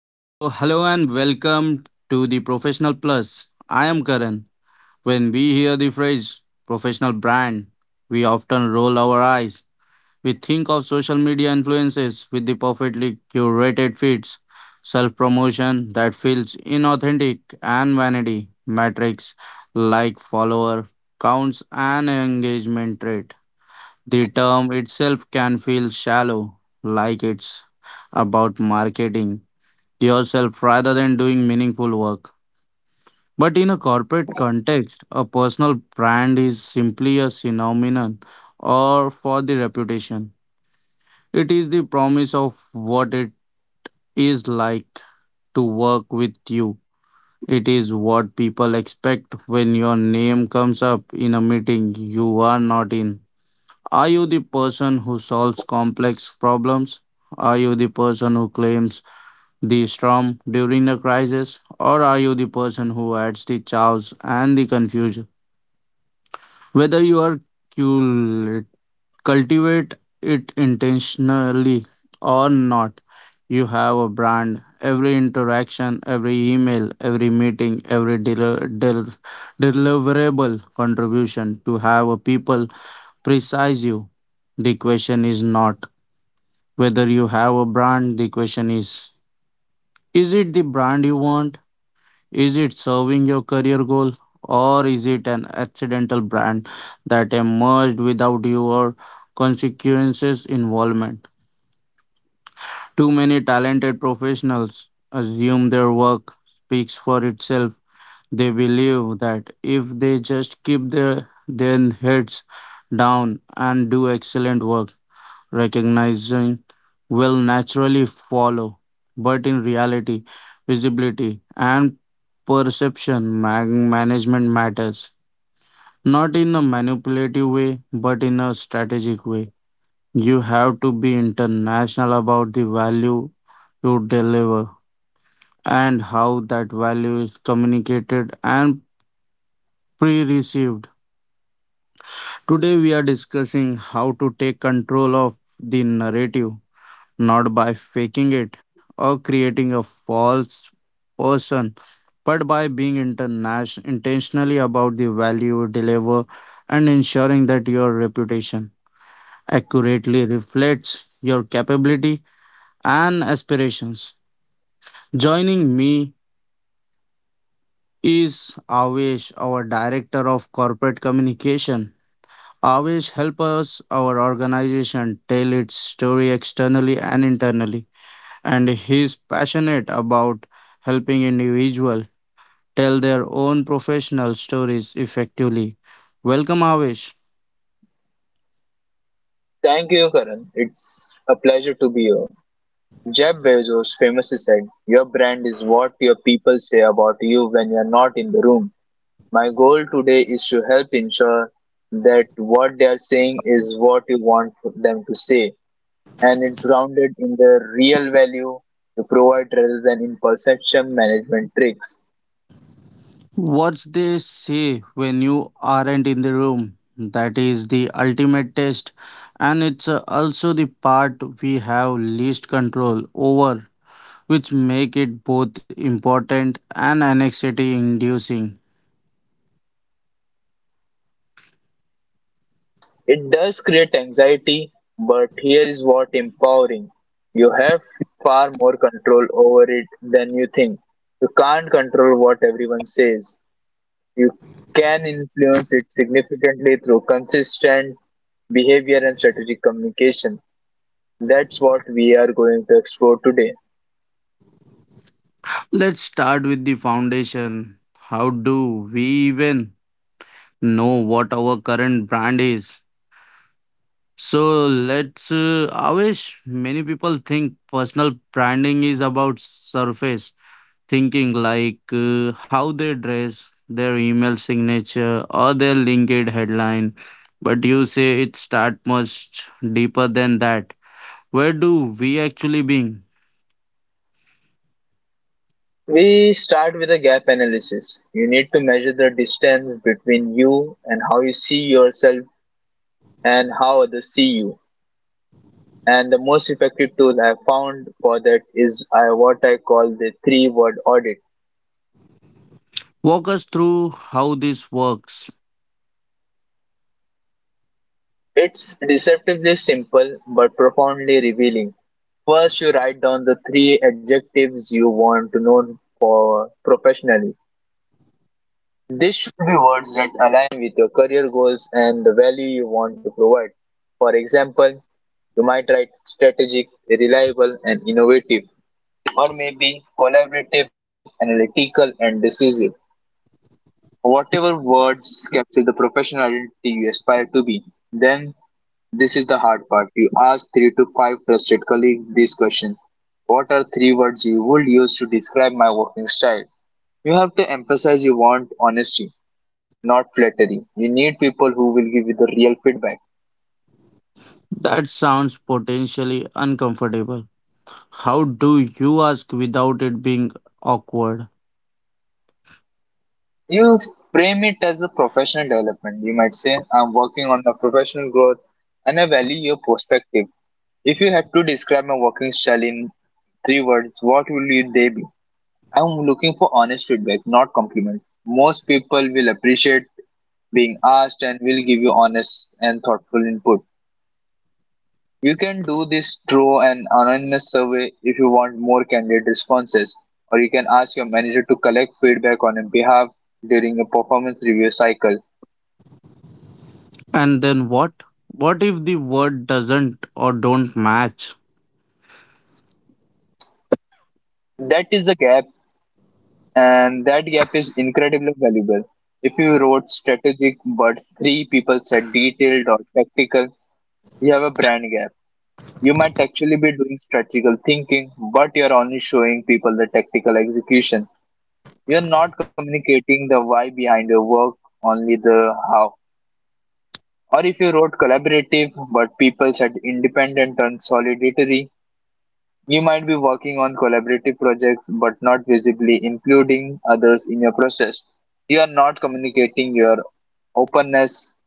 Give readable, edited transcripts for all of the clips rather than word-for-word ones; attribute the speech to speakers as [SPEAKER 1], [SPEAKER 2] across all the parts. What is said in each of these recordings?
[SPEAKER 1] So, hello and welcome to the Professional Plus. I am Karan. When we hear the phrase professional brand, we often roll our eyes. We think of social media influences with the perfectly curated feeds, self promotion that feels inauthentic, and vanity metrics like follower counts and engagement rate. The term itself can feel shallow, like it's about marketing yourself rather than doing meaningful work. But in a corporate context, a personal brand is simply a synonym or for the reputation. It is the promise of what it is like to work with you. It is what people expect when your name comes up in a meeting you are not in. Are you the person who solves complex problems? Are you the person who claims the storm during the crisis, or are you the person who adds the chaos and the confusion? Whether you cul- cultivate it intentionally or not, you have a brand. Every interaction, every email, every meeting, every deliverable contribution to have a people precise you. The question is not whether you have a brand. The question is it the brand you want? Is it serving your career goal or is it an accidental brand that emerged without your consequences involvement? Too many talented professionals assume their work speaks for itself. They believe that if they just keep their heads down and do excellent work, Recognizing will naturally follow. But in reality, visibility and perception management matters. Not in a manipulative way, but in a strategic way. You have to be international about the value you deliver and how that value is communicated and pre received. Today, we are discussing how to take control of the narrative not by faking it or creating a false person, but by being intentionally about the value you deliver and ensuring that your reputation accurately reflects your capability and aspirations. Joining me is Avesh, our Director of Corporate Communication. Avesh help us, our organization, tell its story externally and internally and he's passionate about helping individuals tell their own professional stories effectively. Welcome, Avish.
[SPEAKER 2] Thank you, Karan. It's a pleasure to be here. Jeff Bezos famously said, Your brand is what your people say about you when you're not in the room. My goal today is to help ensure that what they are saying is what you want them to say, and it's grounded in the real value you provide rather than in perception management tricks.
[SPEAKER 1] What they say when you aren't in the room, that is the ultimate test, and it's also the part we have least control over, which make it both important and anxiety inducing.
[SPEAKER 2] It does create anxiety, but here is what empowering. You have far more control over it than you think. You can't control what everyone says. You can influence it significantly through consistent behavior and strategic communication. That's what we are going to explore today.
[SPEAKER 1] Let's start with the foundation. How do we even know what our current brand is. So let's, Avesh, many people think personal branding is about surface thinking, like how they dress, their email signature, or their LinkedIn headline. But you say it start much deeper than that. Where do we actually being?
[SPEAKER 2] We start with a gap analysis. You need to measure the distance between you and how you see yourself and how others see you. And the most effective tool I found for that is what I call the three word audit.
[SPEAKER 1] Walk us through how this works.
[SPEAKER 2] It's deceptively simple but profoundly revealing. First, you write down the three adjectives you want to know for professionally. This should be words that align with your career goals and the value you want to provide. For example, you might write strategic, reliable, and innovative, or maybe collaborative, analytical, and decisive. Whatever words capture the professional identity you aspire to be. Then, this is the hard part. You ask three to five trusted colleagues this question. What are three words you would use to describe my working style? You have to emphasize you want honesty, not flattery. You need people who will give you the real feedback.
[SPEAKER 1] That sounds potentially uncomfortable. How do you ask without it being awkward?
[SPEAKER 2] You frame it as a professional development. You might say, I'm working on my professional growth and I value your perspective. If you had to describe my working style in three words, what will they be? I'm looking for honest feedback, not compliments. Most people will appreciate being asked and will give you honest and thoughtful input. You can do this through an anonymous survey if you want more candid responses, or you can ask your manager to collect feedback on your behalf during a performance review cycle.
[SPEAKER 1] And then what? What if the word doesn't or don't match?
[SPEAKER 2] That is the gap, and that gap is incredibly valuable. If you wrote strategic but three people said detailed or tactical, you have a brand gap. You might actually be doing strategical thinking, but you're only showing people the tactical execution. You're not communicating the why behind your work, only the how. Or if you wrote collaborative but people said independent and solidary, you might be working on collaborative projects but not visibly including others in your process. You are not communicating your openness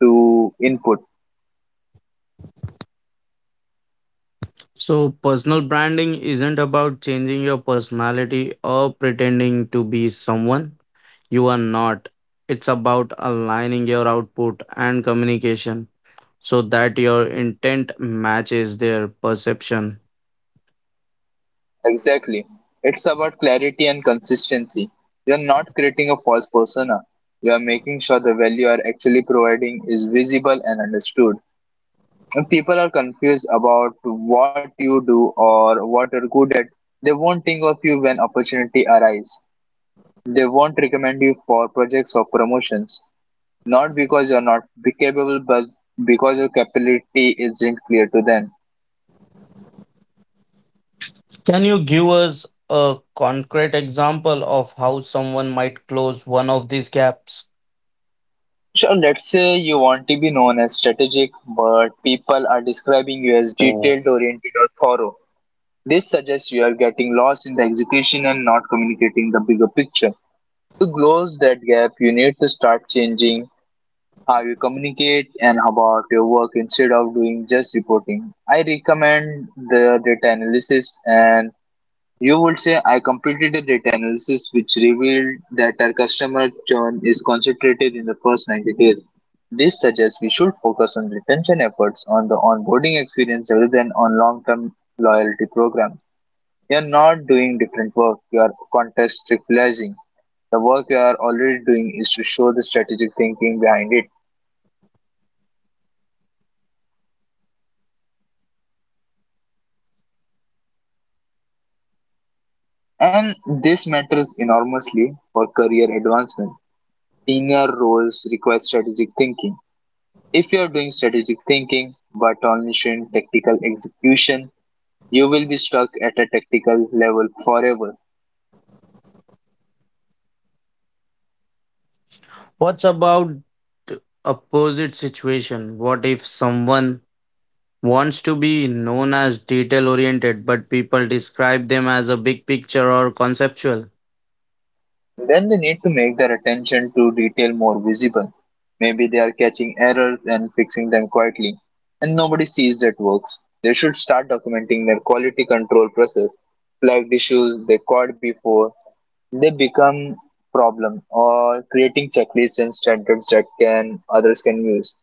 [SPEAKER 2] to input.
[SPEAKER 1] So, personal branding isn't about changing your personality or pretending to be someone you are not. It's about aligning your output and communication so that your intent matches their perception.
[SPEAKER 2] Exactly. It's about clarity and consistency. You are not creating a false persona. You are making sure the value you are actually providing is visible and understood. When people are confused about what you do or what you're good at, they won't think of you when opportunity arise. They won't recommend you for projects or promotions, not because you're not be capable, but because your capability isn't clear to them.
[SPEAKER 1] Can you give us a concrete example of how someone might close one of these gaps?
[SPEAKER 2] So let's say you want to be known as strategic, but people are describing you as detailed, oriented, or thorough. This suggests you are getting lost in the execution and not communicating the bigger picture. To close that gap, you need to start changing how you communicate, and about your work instead of doing just reporting. I recommend the data analysis, and you would say I completed a data analysis which revealed that our customer churn is concentrated in the first 90 days. This suggests we should focus on retention efforts on the onboarding experience rather than on long-term loyalty programs. You're not doing different work, you are contextualizing. The work you are already doing is to show the strategic thinking behind it. And this matters enormously for career advancement. Senior roles require strategic thinking. If you are doing strategic thinking but only showing tactical execution, you will be stuck at a tactical level forever.
[SPEAKER 1] What's about the opposite situation? What if someone wants to be known as detail oriented but people describe them as a big picture or conceptual?
[SPEAKER 2] Then they need to make their attention to detail more visible. Maybe they are catching errors and fixing them quietly, and nobody sees that works. They should start documenting their quality control process, flagged issues they caught before they become problem, or creating checklists and standards that can others can use.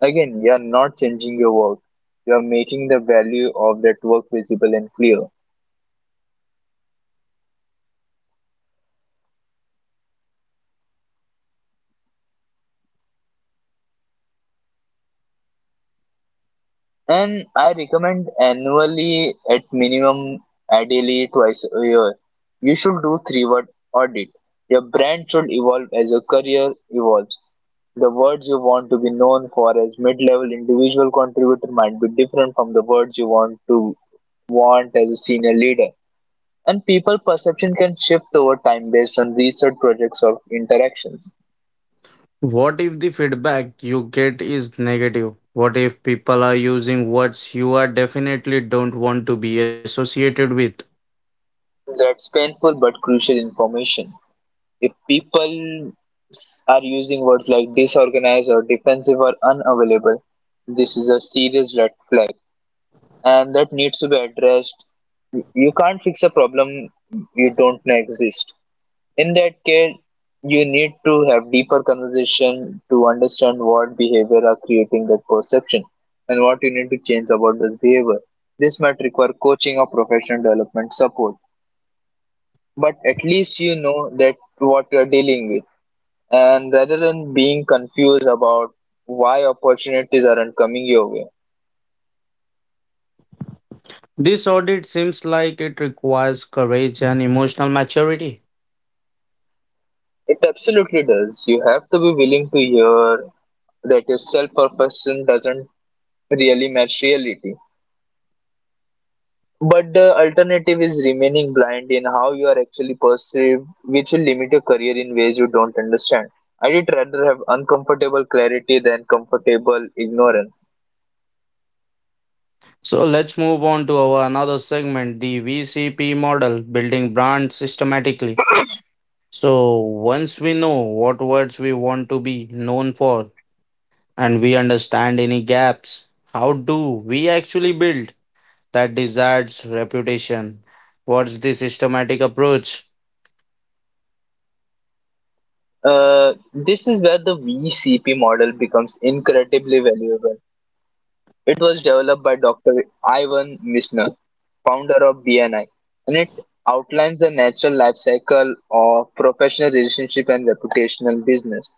[SPEAKER 2] Again, you are not changing your work; you are making the value of that work visible and clear. And I recommend annually at minimum, ideally twice a year. You should do three word audit. Your brand should evolve as your career evolves. The words you want to be known for as mid-level individual contributor might be different from the words you want to want as a senior leader. And people perception can shift over time based on research projects or interactions.
[SPEAKER 1] What if the feedback you get is negative? What if people are using words you are definitely don't want to be associated with?
[SPEAKER 2] That's painful but crucial information. If are using words like disorganized or defensive or unavailable, this is a serious red flag and that needs to be addressed. You can't fix a problem you don't know exist. In that case, you need to have deeper conversation to understand what behavior are creating that perception and what you need to change about this behavior. This might require coaching or professional development support, but at least you know that what you are dealing with and rather than being confused about why opportunities aren't coming your way.
[SPEAKER 1] This audit seems like it requires courage and emotional maturity.
[SPEAKER 2] It absolutely does. You have to be willing to hear that your self perfection doesn't really match reality. But the alternative is remaining blind in how you are actually perceived, which will limit your career in ways you don't understand. I'd rather have uncomfortable clarity than comfortable ignorance.
[SPEAKER 1] So let's move on to our another segment, the VCP model, building brand systematically. So, once we know what words we want to be known for and we understand any gaps, how do we actually build that desired reputation? What's the systematic approach?
[SPEAKER 2] This is where the VCP model becomes incredibly valuable. It was developed by Dr. Ivan Mishner, founder of BNI, and it outlines the natural life cycle of professional relationship and reputational business.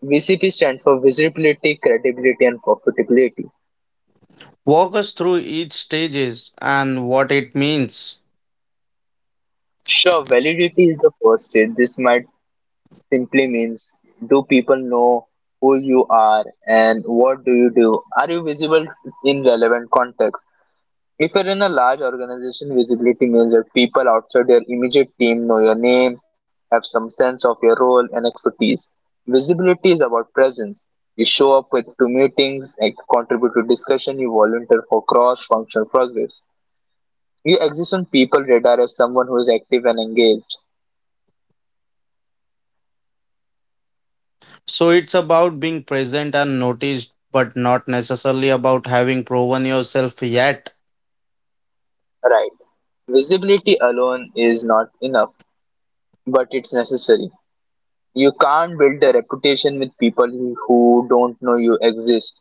[SPEAKER 2] VCP stands for visibility, credibility, and profitability.
[SPEAKER 1] Walk us through each stages and what it means.
[SPEAKER 2] Sure, validity is the first stage. This might simply means, do people know who you are and what do you do? Are you visible in relevant context? If you're in a large organization, visibility means that people outside your immediate team know your name, have some sense of your role and expertise. Visibility is about presence. You show up with, to meetings, and contribute to discussion, you volunteer for cross functional progress. You exist on people radar as someone who is active and engaged.
[SPEAKER 1] So, it's about being present and noticed, but not necessarily about having proven yourself yet.
[SPEAKER 2] Right. Visibility alone is not enough, but it's necessary. You can't build a reputation with people who don't know you exist.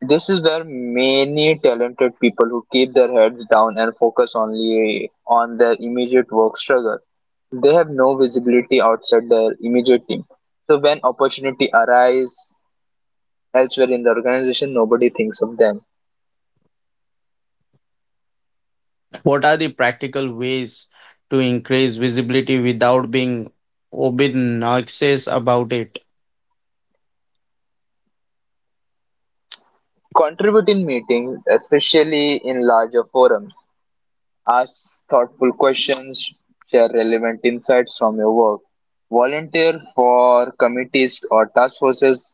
[SPEAKER 2] This is where many talented people who keep their heads down and focus only on their immediate work struggle. They have no visibility outside their immediate team. So when opportunity arise elsewhere in the organization, nobody thinks of them.
[SPEAKER 1] What are the practical ways to increase visibility without being obnoxious about it?
[SPEAKER 2] Contribute in meetings, especially in larger forums. Ask thoughtful questions, share relevant insights from your work, volunteer for committees or task forces.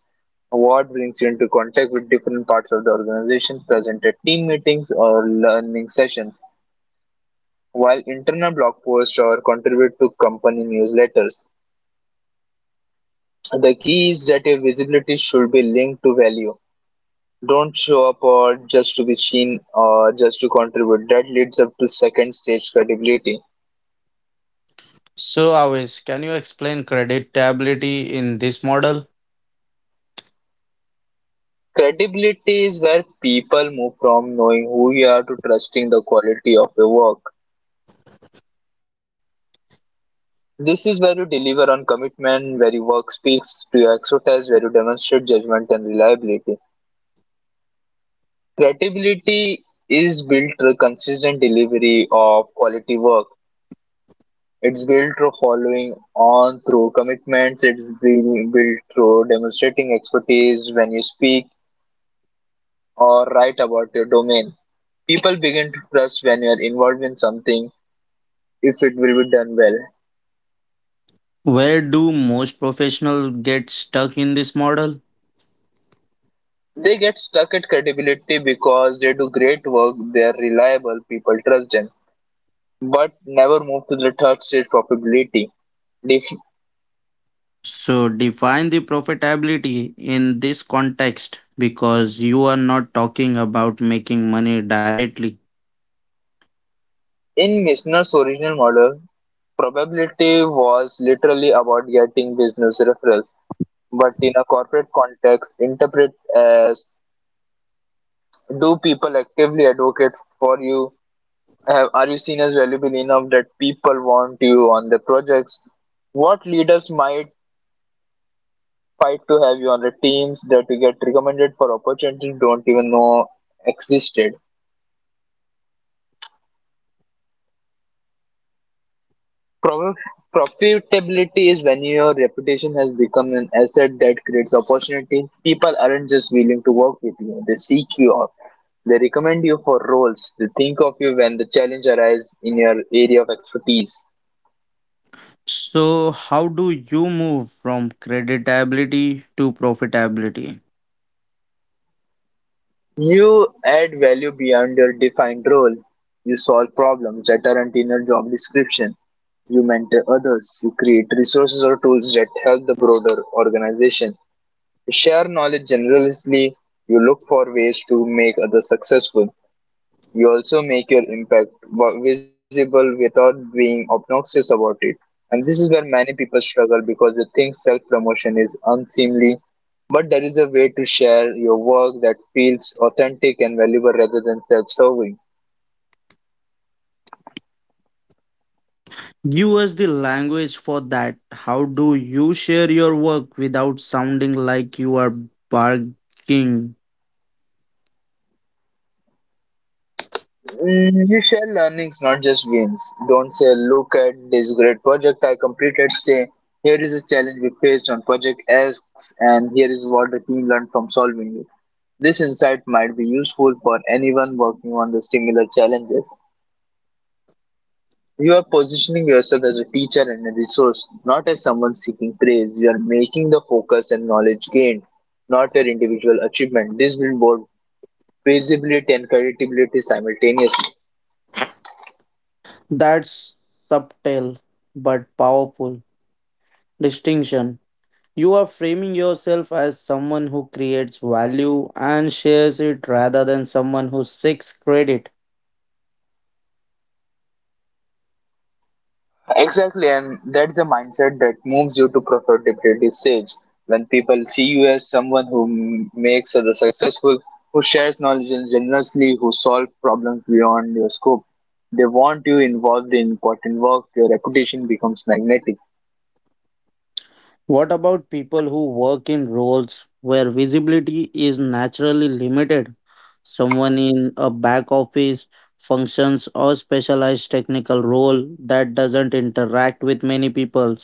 [SPEAKER 2] What brings you into contact with different parts of the organization, present at team meetings or learning sessions, while internal blog posts or contribute to company newsletters. The key is that your visibility should be linked to value. Don't show up or just to be seen or just to contribute. That leads up to second stage credibility.
[SPEAKER 1] So, Avish, can you explain creditability in this model?
[SPEAKER 2] Credibility is where people move from knowing who you are to trusting the quality of your work. This is where you deliver on commitment, where your work speaks to your expertise, where you demonstrate judgment and reliability. Credibility is built through consistent delivery of quality work. It's built through following on through commitments. It's being built through demonstrating expertise when you speak or write about your domain. People begin to trust when you are involved in something if it will be done well.
[SPEAKER 1] Where do most professionals get stuck in this model?
[SPEAKER 2] They get stuck at credibility because they do great work, they are reliable, people trust them, but never move to the third stage probability. Def-
[SPEAKER 1] So, define the profitability in this context because you are not talking about making money directly.
[SPEAKER 2] In Missner's original model, probability was literally about getting business referrals, but in a corporate context, interpret as, do people actively advocate for you? Have, are you seen as valuable enough that people want you on their projects? What leaders might fight to have you on the teams that you get recommended for opportunities you don't even know existed. Prof- Profitability is when your reputation has become an asset that creates opportunity. People aren't just willing to work with you, they seek you out. They recommend you for roles. They think of you when the challenge arises in your area of expertise.
[SPEAKER 1] So, how do you move from creditability to profitability?
[SPEAKER 2] You add value beyond your defined role. You solve problems that aren't in your job description. You mentor others. You create resources or tools that help the broader organization. You share knowledge generously. You look for ways to make others successful. You also make your impact visible without being obnoxious about it. And this is where many people struggle because they think self promotion is unseemly. But there is a way to share your work that feels authentic and valuable rather than self serving.
[SPEAKER 1] Give us the language for that. How do you share your work without sounding like you are bargaining?
[SPEAKER 2] Mm, you share learnings, not just gains. Don't say, "Look at this great project I completed." Say, "Here is a challenge we faced on project X, and here is what the team learned from solving it. This insight might be useful for anyone working on the similar challenges." You are positioning yourself as a teacher and a resource, not as someone seeking praise. You are making the focus and knowledge gained, not your individual achievement. This will build visibility and credibility simultaneously.
[SPEAKER 1] That's subtle but powerful distinction. You are framing yourself as someone who creates value and shares it rather than someone who seeks credit.
[SPEAKER 2] Exactly, and that's the mindset that moves you to profitability stage. When people see you as someone who makes others successful, who shares knowledge and generously, who solves problems beyond your scope, they want you involved in important work. Your reputation becomes magnetic.
[SPEAKER 1] What about people who work in roles where visibility is naturally limited? Someone in a back office functions or specialized technical role that doesn't interact with many people.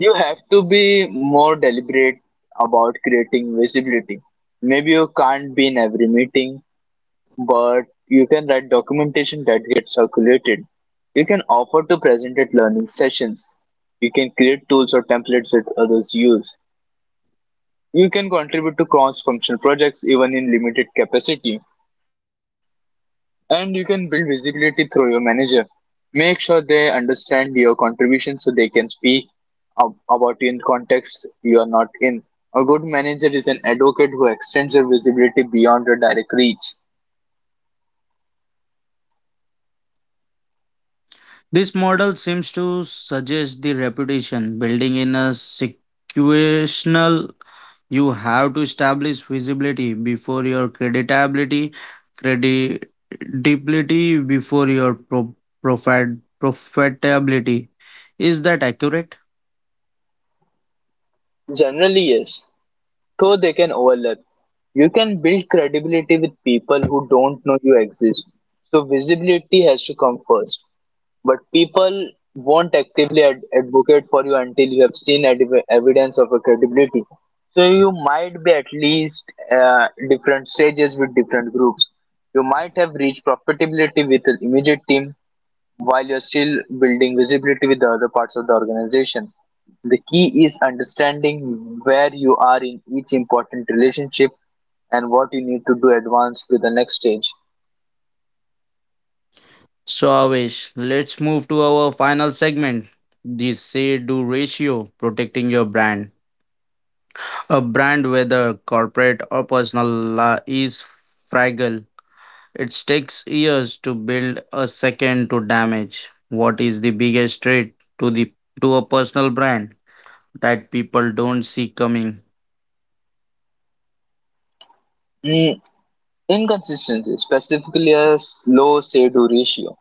[SPEAKER 2] You have to be more deliberate about creating visibility. Maybe you can't be in every meeting, but you can write documentation that gets circulated. You can offer to present at learning sessions. You can create tools or templates that others use. You can contribute to cross functional projects even in limited capacity. And you can build visibility through your manager. Make sure they understand your contribution so they can speak about you in context you are not in. A good manager is an advocate who extends your visibility beyond your direct reach.
[SPEAKER 1] This model seems to suggest the reputation building in a situational. You have to establish visibility before your creditability, credibility before your profit, profitability. Is that accurate?
[SPEAKER 2] Generally, yes. Though they can overlap, you can build credibility with people who don't know you exist. So visibility has to come first. But people won't actively advocate for you until you have evidence of a credibility. So you might be at least different stages with different groups. You might have reached profitability with an immediate team, while you're still building visibility with the other parts of the organization. The key is understanding where you are in each important relationship and what you need to do advance to the next stage.
[SPEAKER 1] So, Avish, let's move to our final segment the say do ratio, protecting your brand. A brand, whether corporate or personal, is fragile. It takes years to build a second to damage. What is the biggest threat to the to a personal brand that people don't see coming?
[SPEAKER 2] Mm, inconsistency, specifically a slow say-do ratio.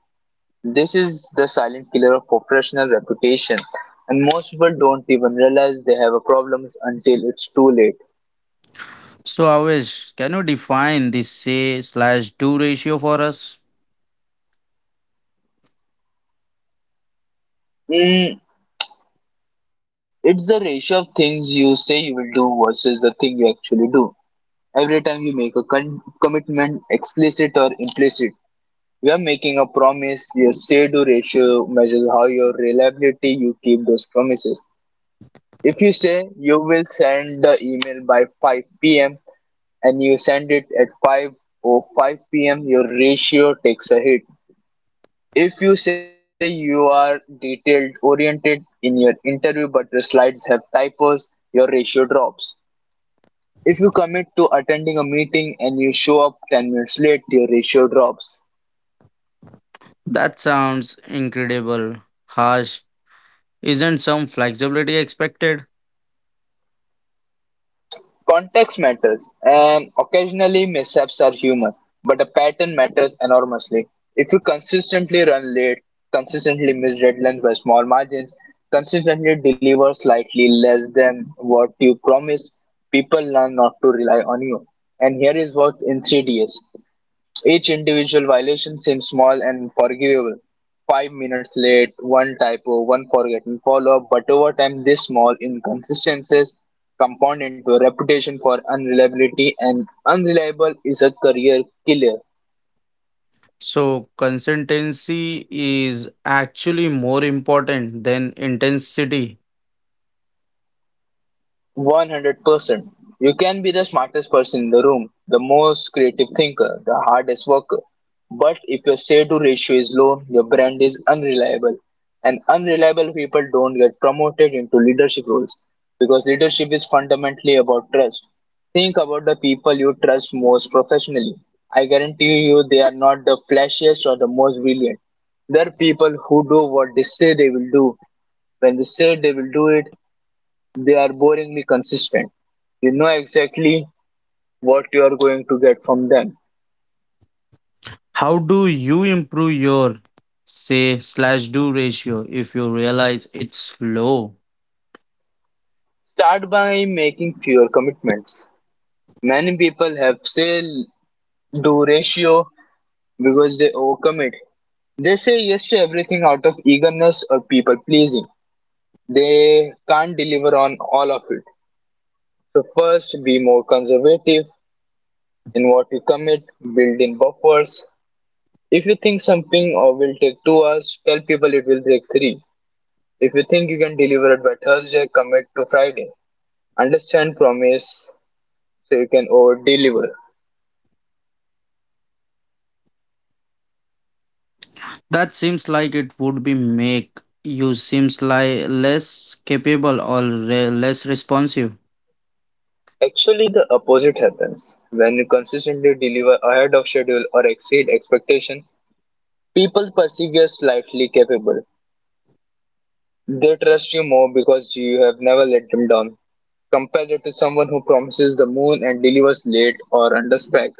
[SPEAKER 2] This is the silent killer of professional reputation, and most people don't even realize they have a problem until it's too late.
[SPEAKER 1] So Avish, can you define the say slash do ratio for us?
[SPEAKER 2] Mm, it's the ratio of things you say you will do versus the thing you actually do. Every time you make a commitment, explicit or implicit, you are making a promise. Your say to ratio measures how your reliability you keep those promises. If you say you will send the email by 5 p.m. and you send it at 5 or 5 p.m., your ratio takes a hit. If you say you are detailed oriented in your interview but your slides have typos, your ratio drops. If you commit to attending a meeting and you show up 10 minutes late, your ratio drops.
[SPEAKER 1] That sounds incredible. Harsh. Isn't some flexibility expected?
[SPEAKER 2] Context matters, and occasionally mishaps are human, but a pattern matters enormously. If you consistently run late, consistently miss deadlines by small margins, consistently deliver slightly less than what you promised, people learn not to rely on you. And here is what's insidious. Each individual violation seems small and forgivable: 5 minutes late, one typo, one forgotten follow-up, but over time these small inconsistencies compound into a reputation for unreliability, and unreliable is a career killer.
[SPEAKER 1] So consistency is actually more important than intensity.
[SPEAKER 2] 100%. You can be the smartest person in the room, the most creative thinker, the hardest worker. But if your say to ratio is low, your brand is unreliable. And unreliable people don't get promoted into leadership roles because leadership is fundamentally about trust. Think about the people you trust most professionally. I guarantee you they are not the flashiest or the most brilliant. They're people who do what they say they will do. When they say they will do it, they are boringly consistent. You know exactly what you are going to get from them.
[SPEAKER 1] How do you improve your say slash do ratio if you realize it's low?
[SPEAKER 2] Start by making fewer commitments. Many people have sale do ratio because they overcommit. They say yes to everything out of eagerness or people pleasing. They can't deliver on all of it. So first be more conservative in what you commit, build in buffers. If you think something or will take 2 hours, tell people it will take three. If you think you can deliver it by Thursday, commit to Friday. Understand, promise, so you can over deliver.
[SPEAKER 1] That seems like it would be make you seems like less capable or less responsive.
[SPEAKER 2] Actually, the opposite happens. When you consistently deliver ahead of schedule or exceed expectation, people perceive you as slightly capable. They trust you more because you have never let them down. Compare it to someone who promises the moon and delivers late or under spec.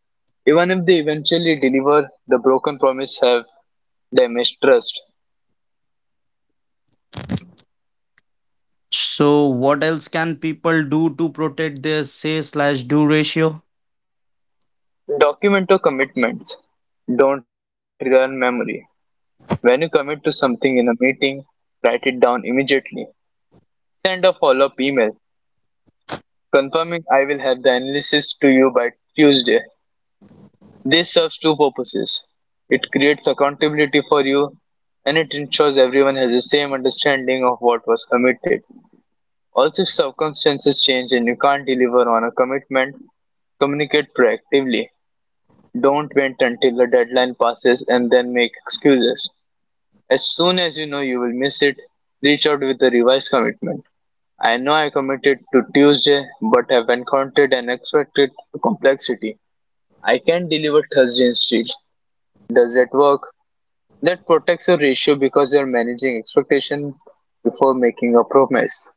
[SPEAKER 2] Even if they eventually deliver, the broken promise have damaged trust.
[SPEAKER 1] So what else can people do to protect their say slash do ratio?
[SPEAKER 2] Document your commitments. Don't rely on memory. When you commit to something in a meeting, write it down immediately. Send a follow up email confirming, "I will have the analysis to you by Tuesday." This serves two purposes: it creates accountability for you and it ensures everyone has the same understanding of what was committed. Also, if circumstances change and you can't deliver on a commitment, communicate proactively. Don't wait until the deadline passes and then make excuses. As soon as you know you will miss it, reach out with a revised commitment. "I know I committed to Tuesday but have encountered an unexpected complexity. I can deliver Thursday instead. Does that work?" That protects your ratio because you're managing expectation before making a promise.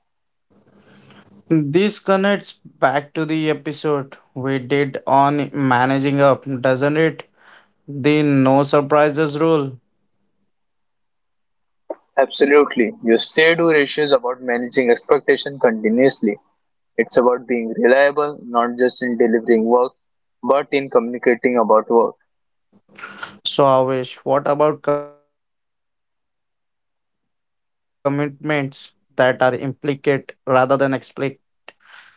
[SPEAKER 1] This connects back to the episode we did on managing up, doesn't it? The no surprises rule.
[SPEAKER 2] Absolutely. Your say do ratio is about managing expectation continuously. It's about being reliable, not just in delivering work, but in communicating about work.
[SPEAKER 1] So, Avesh, what about commitments that are implicate rather than explicit? Things people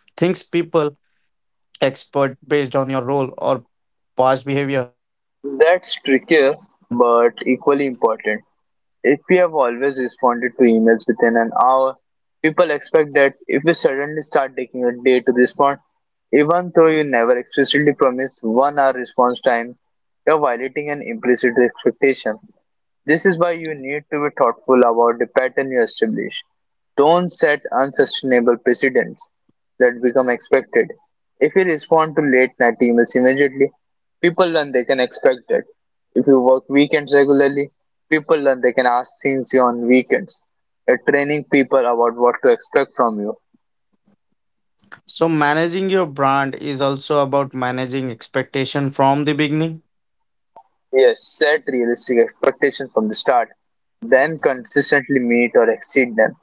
[SPEAKER 1] expert based on your role or past behavior.
[SPEAKER 2] That's trickier, but equally important. If we have always responded to emails within an hour, people expect that. If we suddenly start taking a day to respond, even though you never explicitly promise 1 hour response time, you're violating an implicit expectation. This is why you need to be thoughtful about the pattern you establish. Don't set unsustainable precedents that become expected. If you respond to late night emails immediately, people learn they can expect that. If you work weekends regularly, people learn they can ask things you on weekends. You're training people about what to expect from you.
[SPEAKER 1] So, managing your brand is also about managing expectation from the beginning.
[SPEAKER 2] Yes, set realistic expectations from the start, then consistently meet or exceed them.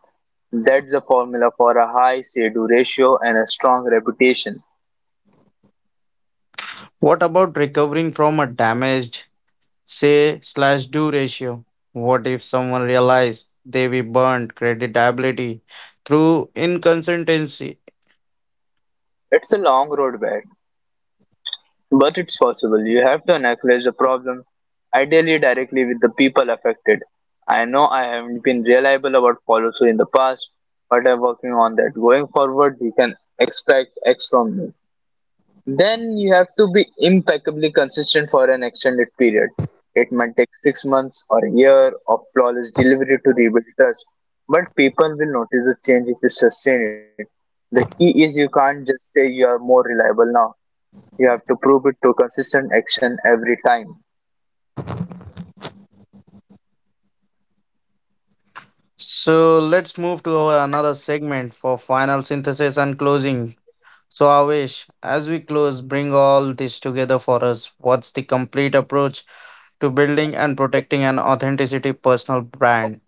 [SPEAKER 2] That's the formula for a high say do ratio and a strong reputation.
[SPEAKER 1] What about recovering from a damaged say slash do ratio? What if someone realized they were burned creditability through inconsistency?
[SPEAKER 2] It's a long road, Brad. But it's possible. You have to analyze the problem, ideally directly with the people affected. "I know I haven't been reliable about follow through in the past, but I'm working on that. Going forward, you can expect X from me." Then you have to be impeccably consistent for an extended period. It might take 6 months or a year of flawless delivery to rebuild trust, but people will notice the change if you sustain it. The key is you can't just say you are more reliable now. You have to prove it to consistent action every time.
[SPEAKER 1] So let's move to our another segment for final synthesis and closing. So Avish, as we close, bring all this together for us. What's the complete approach to building and protecting an authenticity personal brand?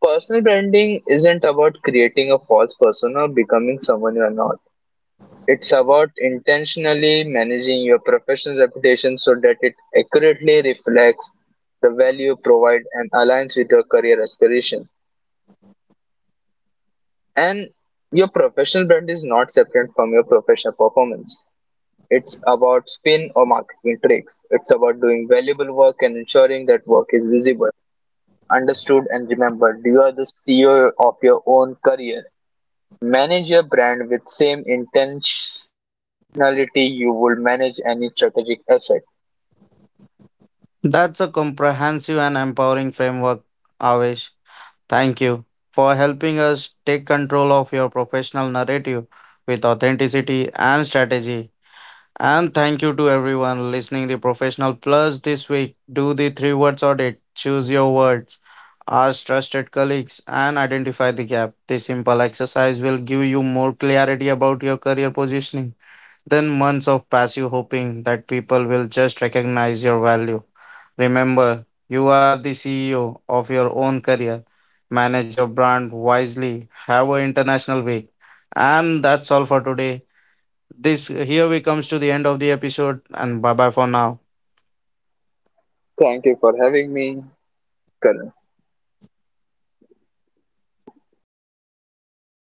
[SPEAKER 2] Personal branding isn't about creating a false persona or becoming someone you are not. It's about intentionally managing your professional reputation so that it accurately reflects the value you provide and aligns with your career aspiration. And your professional brand is not separate from your professional performance. It's about spin or marketing tricks. It's about doing valuable work and ensuring that work is visible, understood and remembered. You are the CEO of your own career. Manage your brand with same intentionality you would manage any strategic asset.
[SPEAKER 1] That's a comprehensive and empowering framework, Avish. Thank you for helping us take control of your professional narrative with authenticity and strategy. And thank you to everyone listening the Professional Plus this week. Do the three words audit. Choose your words. Ask trusted colleagues and identify the gap. This simple exercise will give you more clarity about your career positioning than months of passive hoping that people will just recognize your value. Remember, you are the CEO of your own career. Manage your brand wisely. Have an international week. And that's all for today this here we comes to the end of the episode and bye bye for now.
[SPEAKER 2] Thank you for having me, Karan.